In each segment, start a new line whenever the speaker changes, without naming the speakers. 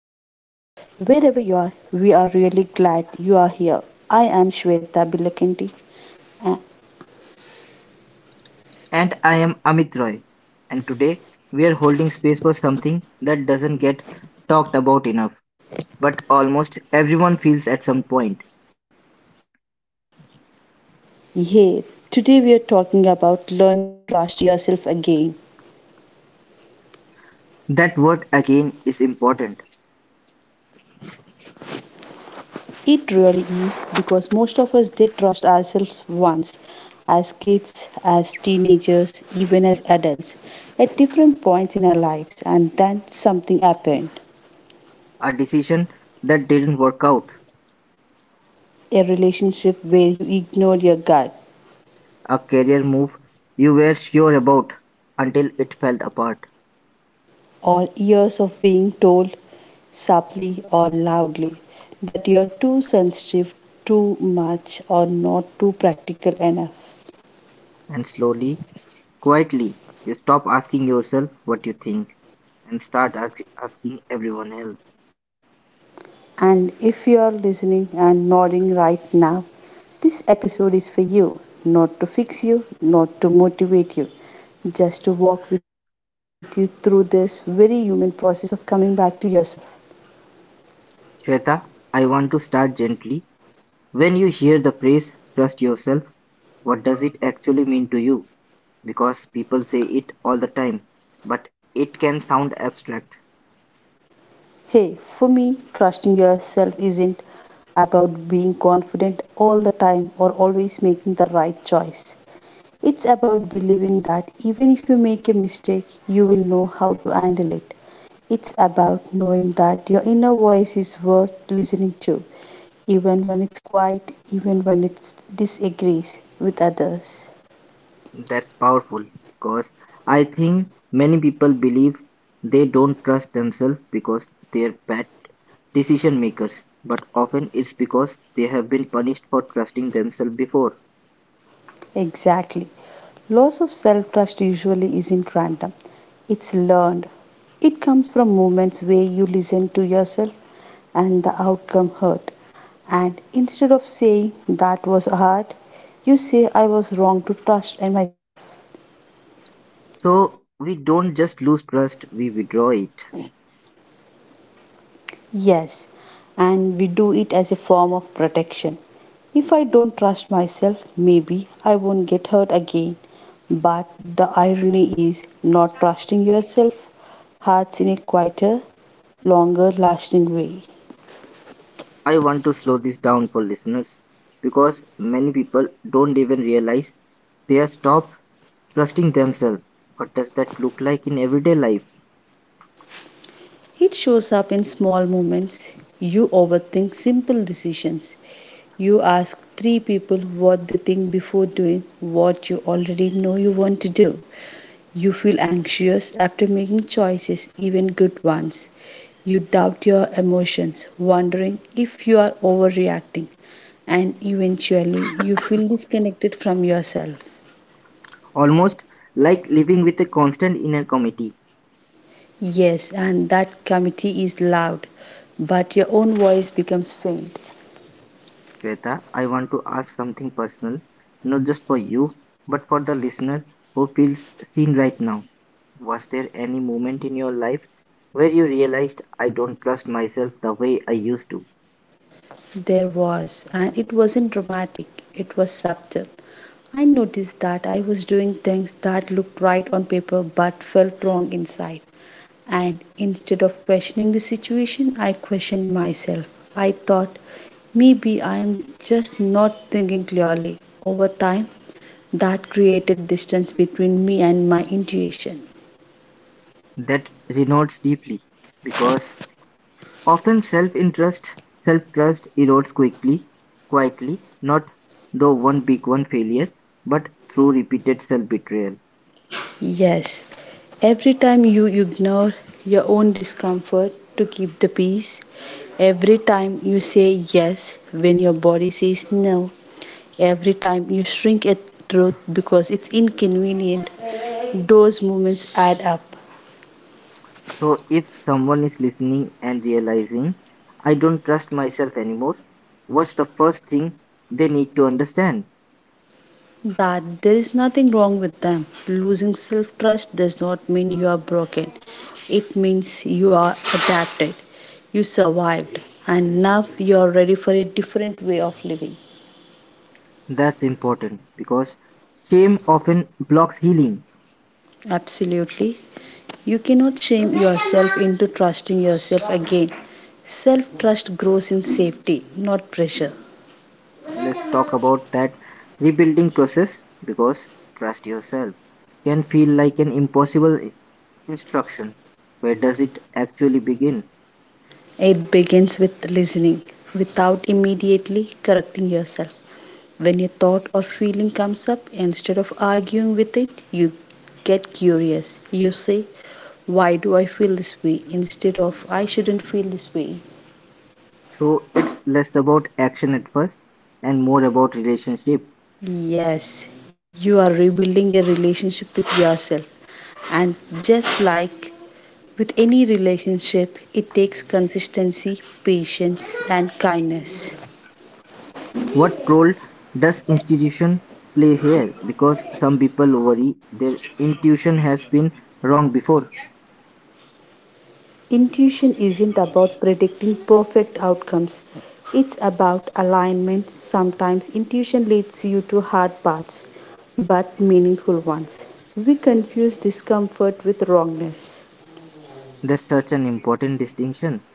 feels a little softer. Wherever you are, we are really glad you are here. I am Shweta Bilakanti. Uh,
And I am Amit Roy, and today we are holding space for something that doesn't get talked about enough, but almost everyone feels at some point.
yeah, today we are talking about learning to trust yourself again.
That word again is important.
It really is because most of us did trust ourselves once as kids, as teenagers, even as adults at different points in our lives, and then something happened.
A decision that didn't work out,
A relationship where you ignored your gut,
a career move you were sure about until it fell apart.
or years of being told subtly or loudly that you're too sensitive, too much, or not too practical enough.
And slowly, quietly, you stop asking yourself what you think and start asking everyone else.
And if you're listening and nodding right now, this episode is for you, not to fix you, not to motivate you, just to walk with you through this very human process of coming back to yourself.
Shweta, I want to start gently. When you hear the phrase "trust yourself", what does it actually mean to you? Because people say it all the time, but it can sound abstract.
Hey, for me, trusting yourself isn't about being confident all the time or always making the right choice. It's about believing that even if you make a mistake, you will know how to handle it. It's about knowing that your inner voice is worth listening to, even when it's quiet, even when it disagrees with others.
That's powerful because I think many people believe they don't trust themselves because they're bad decision makers, but often it's because they have been punished for trusting themselves before.
Exactly. Loss of self trust usually isn't random, it's learned. It comes from moments where you listen to yourself and the outcome hurt. And instead of saying that was hard, you say I was wrong to trust in myself.
So we don't just lose trust, we withdraw it.
Yes, and we do it as a form of protection. If I don't trust myself, maybe I won't get hurt again. But the irony is, not trusting yourself hurts in a quieter, longer lasting way.
I want to slow this down for listeners because many people don't even realize they are stopped trusting themselves. What does that look like in everyday life?
It shows up in small moments. You overthink simple decisions. You ask three people what they think before doing what you already know you want to do. You feel anxious after making choices, even good ones. You doubt your emotions, wondering if you are overreacting, and eventually you feel disconnected from yourself.
Almost like living with a constant inner committee.
Yes, and that committee is loud, but your own voice becomes faint.
Shweta, I want to ask something personal, not just for you, but for the listener who feels seen right now. Was there any moment in your life where you realized I don't trust myself the way I used to?
There was, and it wasn't dramatic, it was subtle. I noticed that I was doing things that looked right on paper but felt wrong inside. And instead of questioning the situation, I questioned myself. I thought maybe I am just not thinking clearly. Over time, that created distance between me and my intuition.
That resonates deeply because often self-interest, self-trust erodes quickly, quietly, not though one big one failure, but through repeated self-betrayal.
Yes, every time you ignore your own discomfort to keep the peace, every time you say yes when your body says no, every time you shrink at truth because it's inconvenient, those moments add up.
So if someone is listening and realizing, I don't trust myself anymore, what's the first thing they need to understand?
That there is nothing wrong with them. Losing self trust does not mean you are broken, it means you are adapted, you survived, and now you are ready for a different way of living.
That's important because shame often blocks healing.
Absolutely. You cannot shame yourself into trusting yourself again. Self trust grows in safety, not pressure.
Let's talk about that rebuilding process because trust yourself can feel like an impossible instruction. Where does it actually begin?
It begins with listening without immediately correcting yourself. When a thought or feeling comes up, instead of arguing with it, you get curious. You say, why do I feel this way? Instead of I shouldn't feel this way.
So it's less about action at first and more about relationship.
Yes, you are rebuilding a relationship with yourself. And just like with any relationship, it takes consistency, patience, and kindness.
What role does institution play here? Because some people worry their intuition has been wrong before.
Intuition isn't about predicting perfect outcomes, it's about alignment. Sometimes intuition leads you to hard paths, but meaningful ones. We confuse discomfort with wrongness.
That's such an important distinction.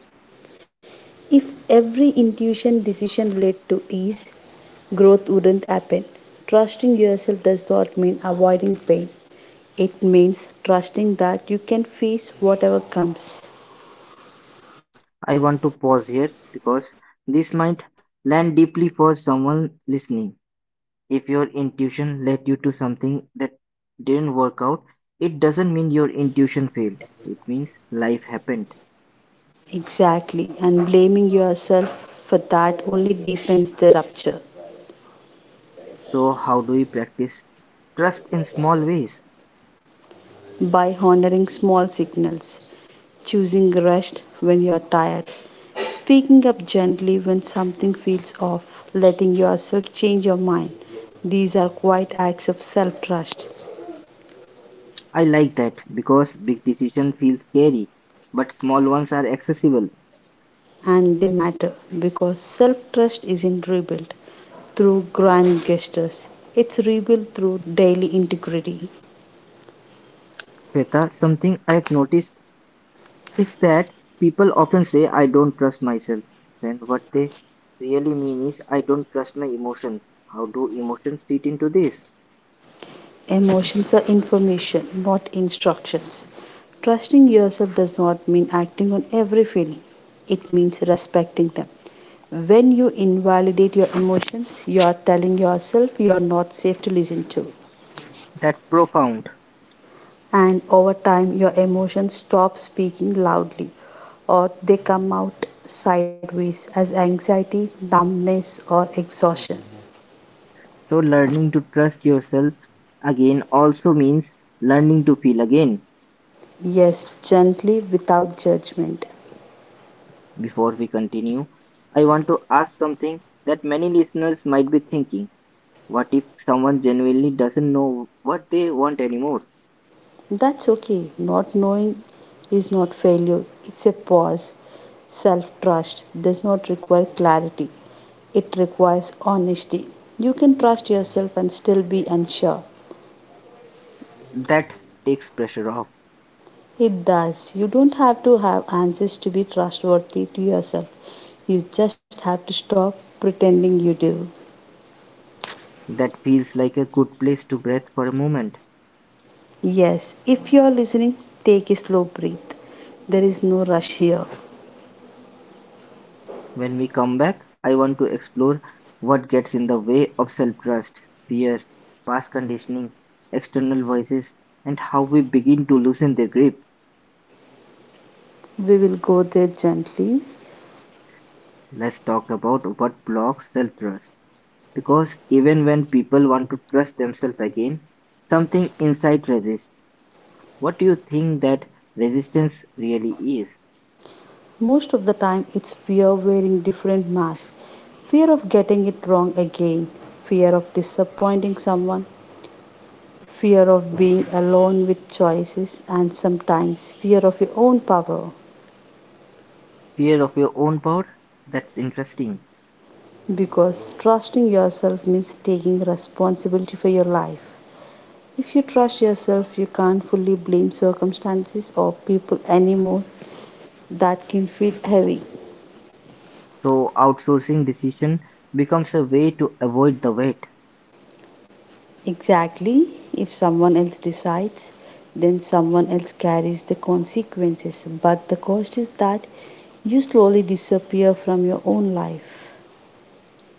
If every intuition decision led to ease, growth wouldn't happen. Trusting yourself does not mean avoiding pain, it means trusting that you can face whatever comes.
I want to pause here because this might land deeply for someone listening. If your intuition led you to something that didn't work out, it doesn't mean your intuition failed. It means life happened.
Exactly, and blaming yourself for that only deepens the rupture.
So, how do we practice trust in small ways?
By honoring small signals, choosing rest when you're tired, speaking up gently when something feels off, letting yourself change your mind, these are quite acts of self trust.
I like that because big decision feels scary, but small ones are accessible.
And they matter because self trust isn't rebuilt through grand gestures, it's rebuilt through daily integrity.
Shweta, something I've noticed is that people often say I don't trust myself, when what they really mean is I don't trust my emotions. How do emotions fit into this?
Emotions are information, not instructions. Trusting yourself does not mean acting on every feeling, it means respecting them. When you invalidate your emotions, you are telling yourself you are not safe to listen to.
That's profound.
And over time, your emotions stop speaking loudly or they come out sideways as anxiety, numbness, or exhaustion.
So learning to trust yourself again also means learning to feel again.
Yes, gently without judgment.
Before we continue, I want to ask something that many listeners might be thinking. What if someone genuinely doesn't know what they want anymore?
That's okay. Not knowing is not failure, it's a pause. Self trust does not require clarity, it requires honesty. You can trust yourself and still be unsure.
That takes pressure off.
It does. You don't have to have answers to be trustworthy to yourself. You just have to stop pretending you do.
That feels like a good place to breathe for a moment.
Yes, if you are listening, take a slow breath. There is no rush here.
When we come back, I want to explore what gets in the way of self trust, fear, past conditioning, external voices, and how we begin to loosen their grip.
We will go there gently.
Let's talk about what blocks self trust. Because even when people want to trust themselves again, something inside resists. What do you think that resistance really is?
Most of the time, it's fear of wearing different masks, fear of getting it wrong again, fear of disappointing someone, fear of being alone with choices, and sometimes fear of your own power.
Fear of your own power? That's interesting.
Because trusting yourself means taking responsibility for your life. If you trust yourself, you can't fully blame circumstances or people anymore. That can feel heavy.
So, outsourcing decision becomes a way to avoid the weight.
Exactly. If someone else decides, then someone else carries the consequences. But the cost is that you slowly disappear from your own life.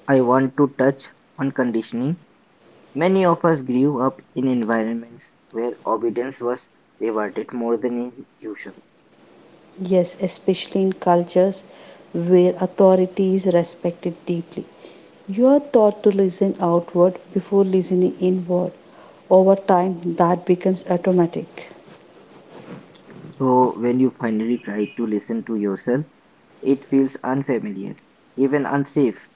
I want to touch on conditioning. Many of us grew up in environments where obedience was rewarded more than intuitions.
Yes, especially in cultures where authority is respected deeply. You are taught to listen outward before listening inward. Over time, that becomes automatic.
So, when you finally try to listen to yourself, it feels unfamiliar, even unsafe.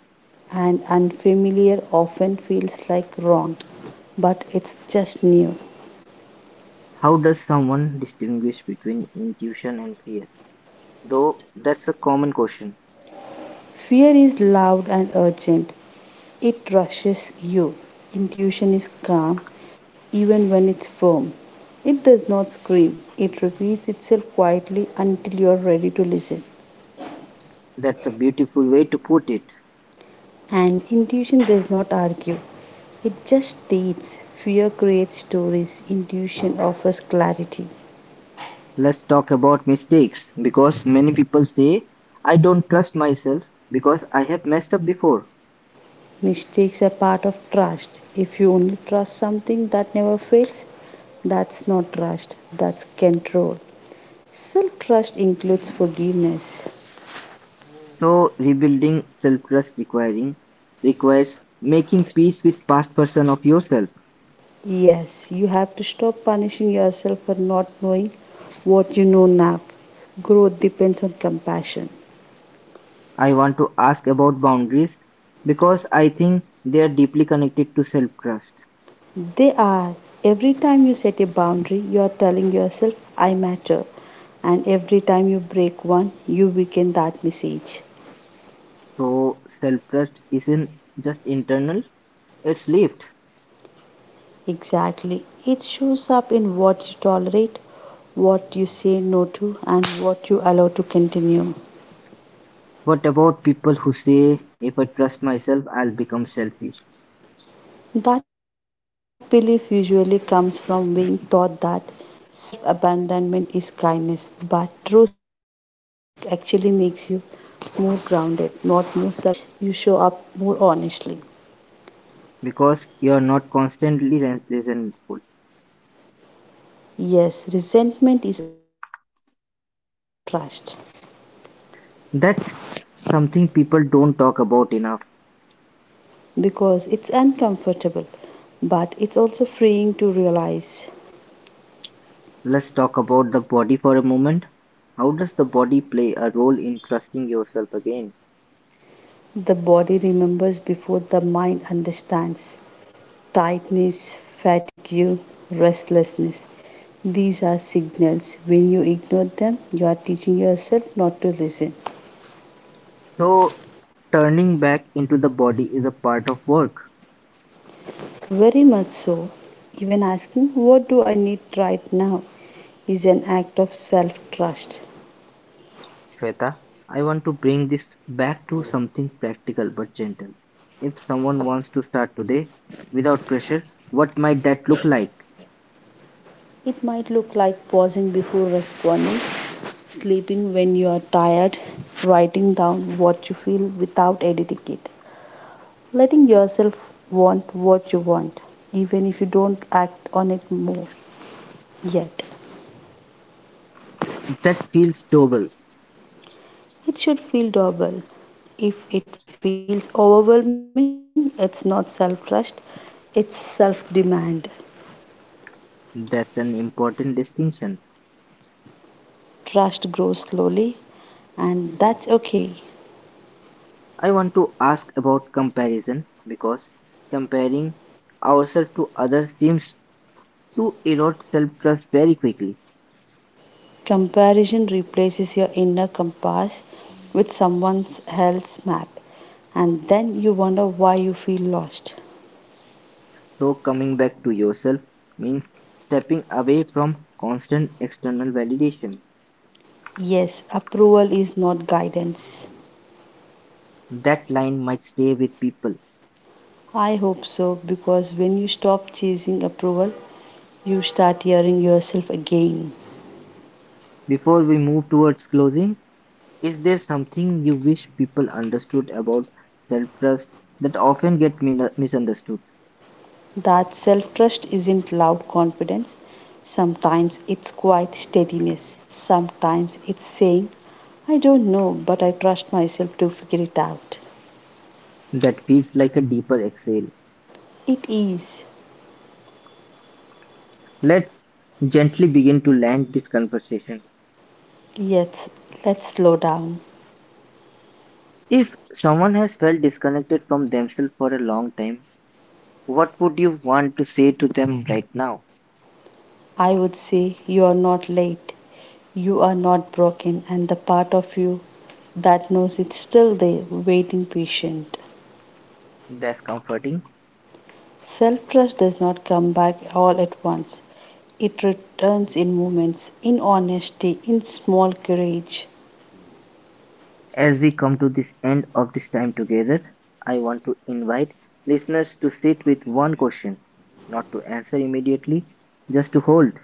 And unfamiliar often feels like wrong, but it's just new.
How does someone distinguish between intuition and fear? Though that's a common question.
Fear is loud and urgent. It rushes you. Intuition is calm even when it's firm. It does not scream. It repeats itself quietly until you are ready to listen.
That's a beautiful way to put it.
And intuition does not argue. It just states. Fear creates stories. Intuition offers clarity.
Let's talk about mistakes because many people say, I don't trust myself because I have messed up before.
Mistakes are part of trust. If you only trust something that never fails, that's not trust, that's control. Self trust includes forgiveness.
So, rebuilding self trust requiring requires making peace with past version of yourself.
Yes, you have to stop punishing yourself for not knowing what you know now. Growth depends on compassion.
I want to ask about boundaries because I think they are deeply connected to self trust.
They are. Every time you set a boundary, you are telling yourself, I matter. And every time you break one, you weaken that message.
So self-trust isn't just internal, it's lived.
Exactly. It shows up in what you tolerate, what you say no to, and what you allow to continue.
What about people who say, if I trust myself, I'll become selfish?
That belief usually comes from being taught that self abandonment is kindness, but true self trust actually makes you more grounded, not more selfish. You show up more honestly.
Because you're not constantly resentful.
Yes, resentment is often a sign of broken self trust
That's something people don't talk about enough.
because it's uncomfortable, but it's also freeing to realize
Let's talk about the body for a moment. How does the body play a role in trusting yourself again?
the body remembers before the mind understands. Tightness, fatigue, restlessness. These are signals. When you ignore them, you are teaching yourself not to listen.
So, turning back into the body is a part of work.
Very much so. Even asking, what do I need right now? Is an act of self trust.
Shweta, I want to bring this back to something practical but gentle. If someone wants to start today without pressure, what might that look like?
It might look like pausing before responding, sleeping when you are tired, writing down what you feel without editing it, letting yourself want what you want, even if you don't act on it more yet.
That feels doable.
It should feel doable. If it feels overwhelming, it's not self trust, it's self demand.
That's an important distinction.
Trust grows slowly, and that's okay.
I want to ask about comparison because comparing ourselves to others seems to erode self trust very quickly.
Comparison replaces your inner compass with someone else's map, and then you wonder why you feel lost.
So, coming back to yourself means stepping away from constant external validation.
Yes, approval is not guidance.
That line might stay with people.
I hope so because when you stop chasing approval, you start hearing yourself again.
Before we move towards closing, is there something you wish people understood about self-trust that often get misunderstood?
That self trust isn't loud confidence. Sometimes it's quiet steadiness. Sometimes it's saying, I don't know, but I trust myself to figure it out.
That feels like a deeper exhale.
It is.
Let's gently begin to land this conversation.
Yes, let's slow down.
If someone has felt disconnected from themselves for a long time, what would you want to say to them right now?
I would say you are not late. You are not broken, and the part of you that knows it's still there, waiting patient.
That's comforting.
Self trust does not come back all at once. It returns in moments, in honesty, in small courage.
As we come to this end of this time together, I want to invite listeners to sit with one question, not to answer immediately, just to hold.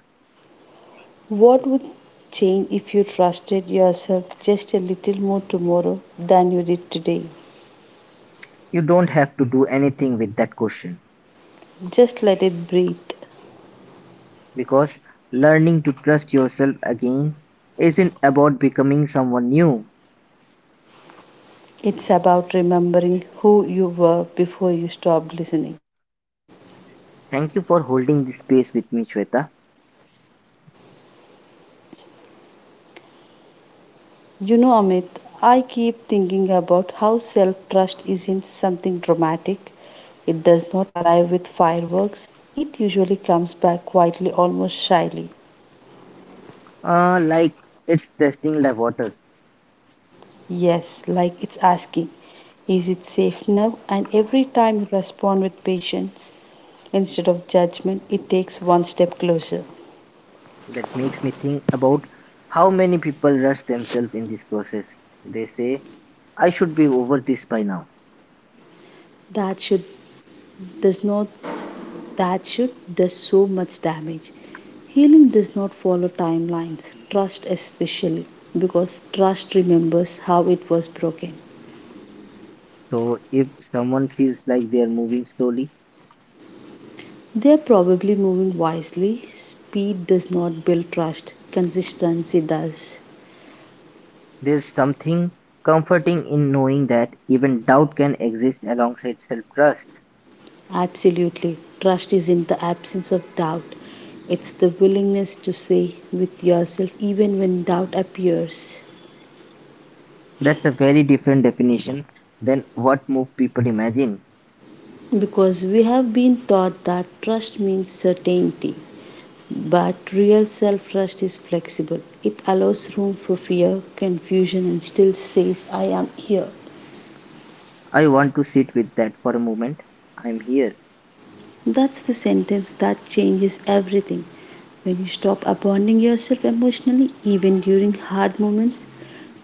What would change if you trusted yourself just a little more tomorrow than you did today?
You don't have to do anything with that question
Just let it breathe.
because learning to trust yourself again isn't about becoming someone new.
It's about remembering who you were before you stopped listening.
Thank you for holding this space with me, Shweta.
You know, Amit, I keep thinking about how self trust isn't something dramatic. It does not arrive with fireworks, it usually comes back quietly, almost shyly.
Like it's testing the waters.
Yes, like it's asking, is it safe now? And every time you respond with patience instead of judgment, it takes one step closer.
That makes me think about how many people rush themselves in this process. They say, I should be over this by now.
That should does not that should does so much damage. Healing does not follow timelines, trust especially, because trust remembers how it was broken.
So if someone feels like they are moving slowly,
They are probably moving wisely. Speed does not build trust, consistency does.
there's something comforting in knowing that even doubt can exist alongside self trust.
Absolutely. Trust is in the absence of doubt. It's the willingness to say with yourself even when doubt appears.
That's a very different definition than what most people imagine.
Because we have been taught that trust means certainty. But real self trust is flexible. It allows room for fear, confusion, and still says, I am here.
I want to sit with that for a moment. I'm here.
That's the sentence that changes everything. When you stop abandoning yourself emotionally, even during hard moments,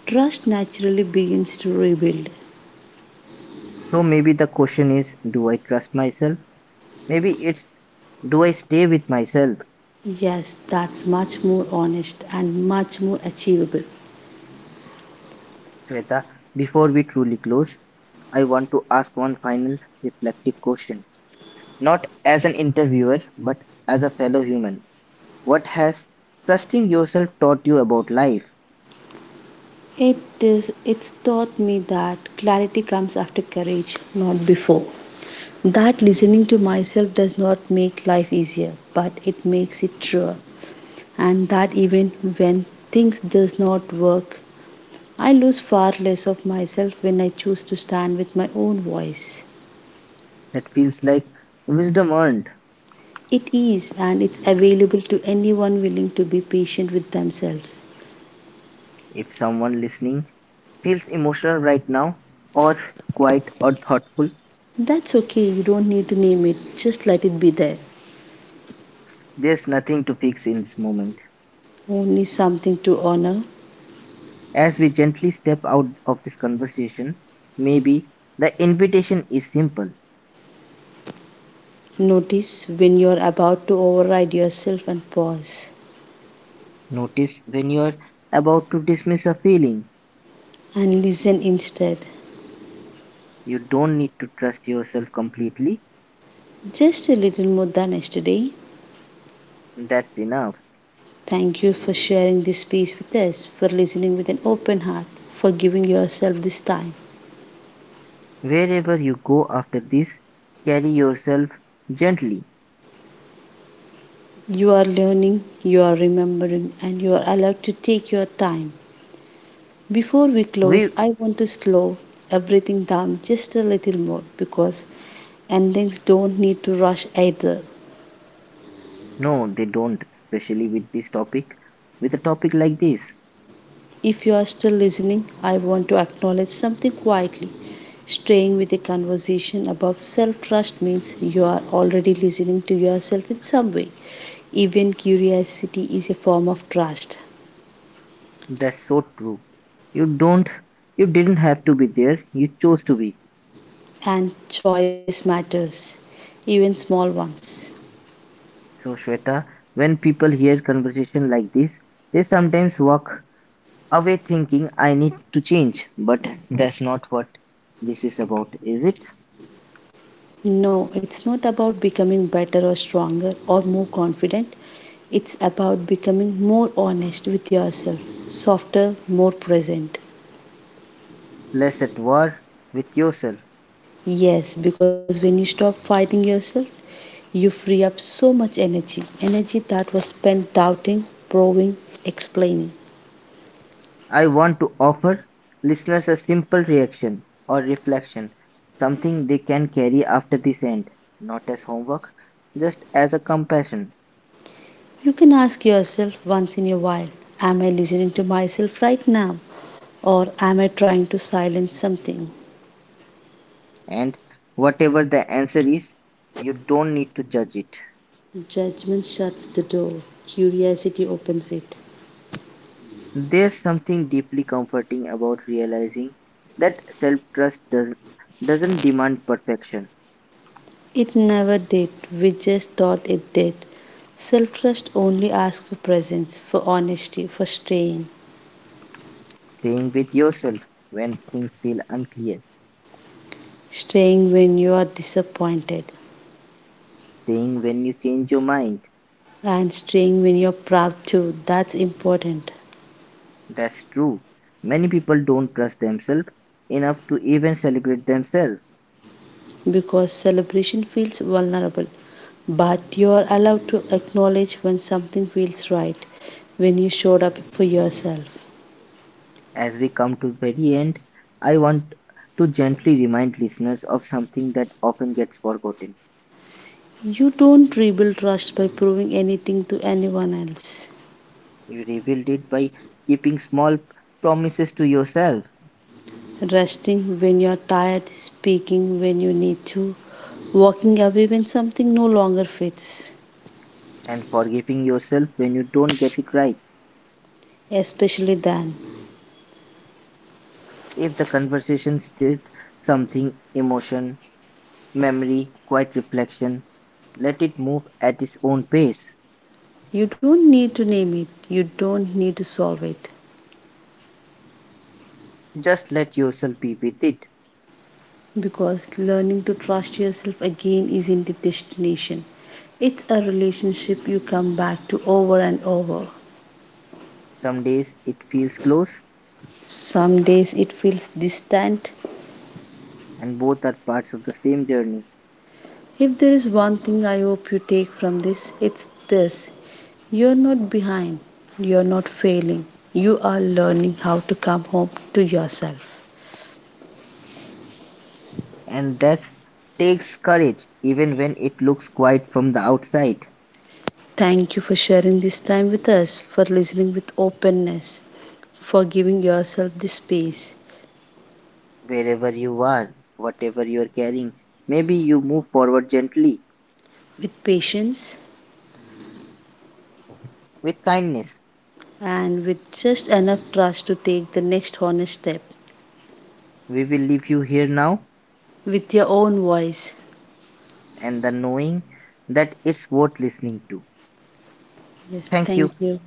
trust naturally begins to rebuild.
So maybe the question is do I trust myself? Maybe it's do I stay with myself.
Yes, that's much more honest and much more achievable.
Shweta, before we truly close, I want to ask one final reflective question. Not as an interviewer, but as a fellow human. What has trusting yourself taught you about life
It it's taught me that clarity comes after courage, not before. That listening to myself does not make life easier, but it makes it truer. And that even when things does not work, I lose far less of myself when I choose to stand with my own voice.
that feels like wisdom earned?
It is, and it's available to anyone willing to be patient with themselves.
If someone listening feels emotional right now, or quiet or thoughtful,
That's okay, you don't need to name it, just let it be there.
there's nothing to fix in this moment.
Only something to honor.
As we gently step out of this conversation, maybe the invitation is simple.
Notice when you're about to override yourself and pause
Notice when you're about to dismiss a feeling.
and listen instead.
You don't need to trust yourself completely,
Just a little more than yesterday.
that's enough.
Thank you for sharing this space with us, for listening with an open heart, for giving yourself this time.
Wherever you go after this, carry yourself gently.
You are learning, you are remembering, and you are allowed to take your time. Before we close,
We
I want to slow everything down just a little more because endings don't need to rush either.
no, they don't, especially with this topic. With a topic like this,
If you are still listening, I want to acknowledge something quietly. Staying with a conversation about self trust means you are already listening to yourself in some way. Even curiosity is a form of trust,
that's so true. You don't, you didn't have to be there, you chose to be.
and choice matters, even small ones.
So, Shweta, when people hear conversation like this, they sometimes walk away thinking I need to change. But that's not what this is about, is it?
No, it's not about becoming better or stronger or more confident. It's about becoming more honest with yourself, softer, more present.
Less at war with yourself.
Yes, because when you stop fighting yourself, you free up so much energy, energy that was spent doubting, proving, explaining.
I want to offer listeners a simple reaction or reflection, something they can carry after this end, not as homework, just as a compassion.
You can ask yourself once in a while, am I listening to myself right now? Or am I trying to silence something?
And whatever the answer is, you don't need to judge it.
Judgment shuts the door, curiosity opens it.
There's something deeply comforting about realizing that doesn't demand perfection.
It never did, we just thought it did. Self trust only asks for presence, for honesty, for staying.
Staying with yourself when things feel unclear.
Staying when you are disappointed,
Staying when you change your mind.
and staying when you're proud too. That's important
That's true. Many people don't trust themselves enough to even celebrate themselves.
because celebration feels vulnerable, but you're allowed to acknowledge when something feels right, when you showed up for yourself.
As we come to the very end, I want to gently remind listeners of something that often gets forgotten.
You don't rebuild trust by proving anything to anyone else.
You revealed it by keeping small promises to yourself
Resting when you're tired, speaking when you need to, walking away when something no longer fits,
and forgiving yourself when you don't get it right.
especially then.
If the conversation stirred something, emotion, memory, quiet reflection. Let it move at its own pace.
You don't need to name it, you don't need to solve it,
Just let yourself be with it.
because learning to trust yourself again isn't a destination. It's a relationship you come back to over and over.
Some days it feels close,
Some days it feels distant.
and both are parts of the same journey.
If there is one thing I hope you take from this, it's this: you're not behind, you're not failing, you are learning how to come home to yourself.
And that takes courage, even when it looks quiet from the outside.
Thank you for sharing this time with us, for listening with openness, for giving yourself this space
Wherever you are, whatever you are carrying, maybe you move forward gently
with patience
with kindness.
and with just enough trust to take the next honest step
We will leave you here now
with your own voice.
and the knowing that it's worth listening to.
Yes,
Thank
thank
you.
you.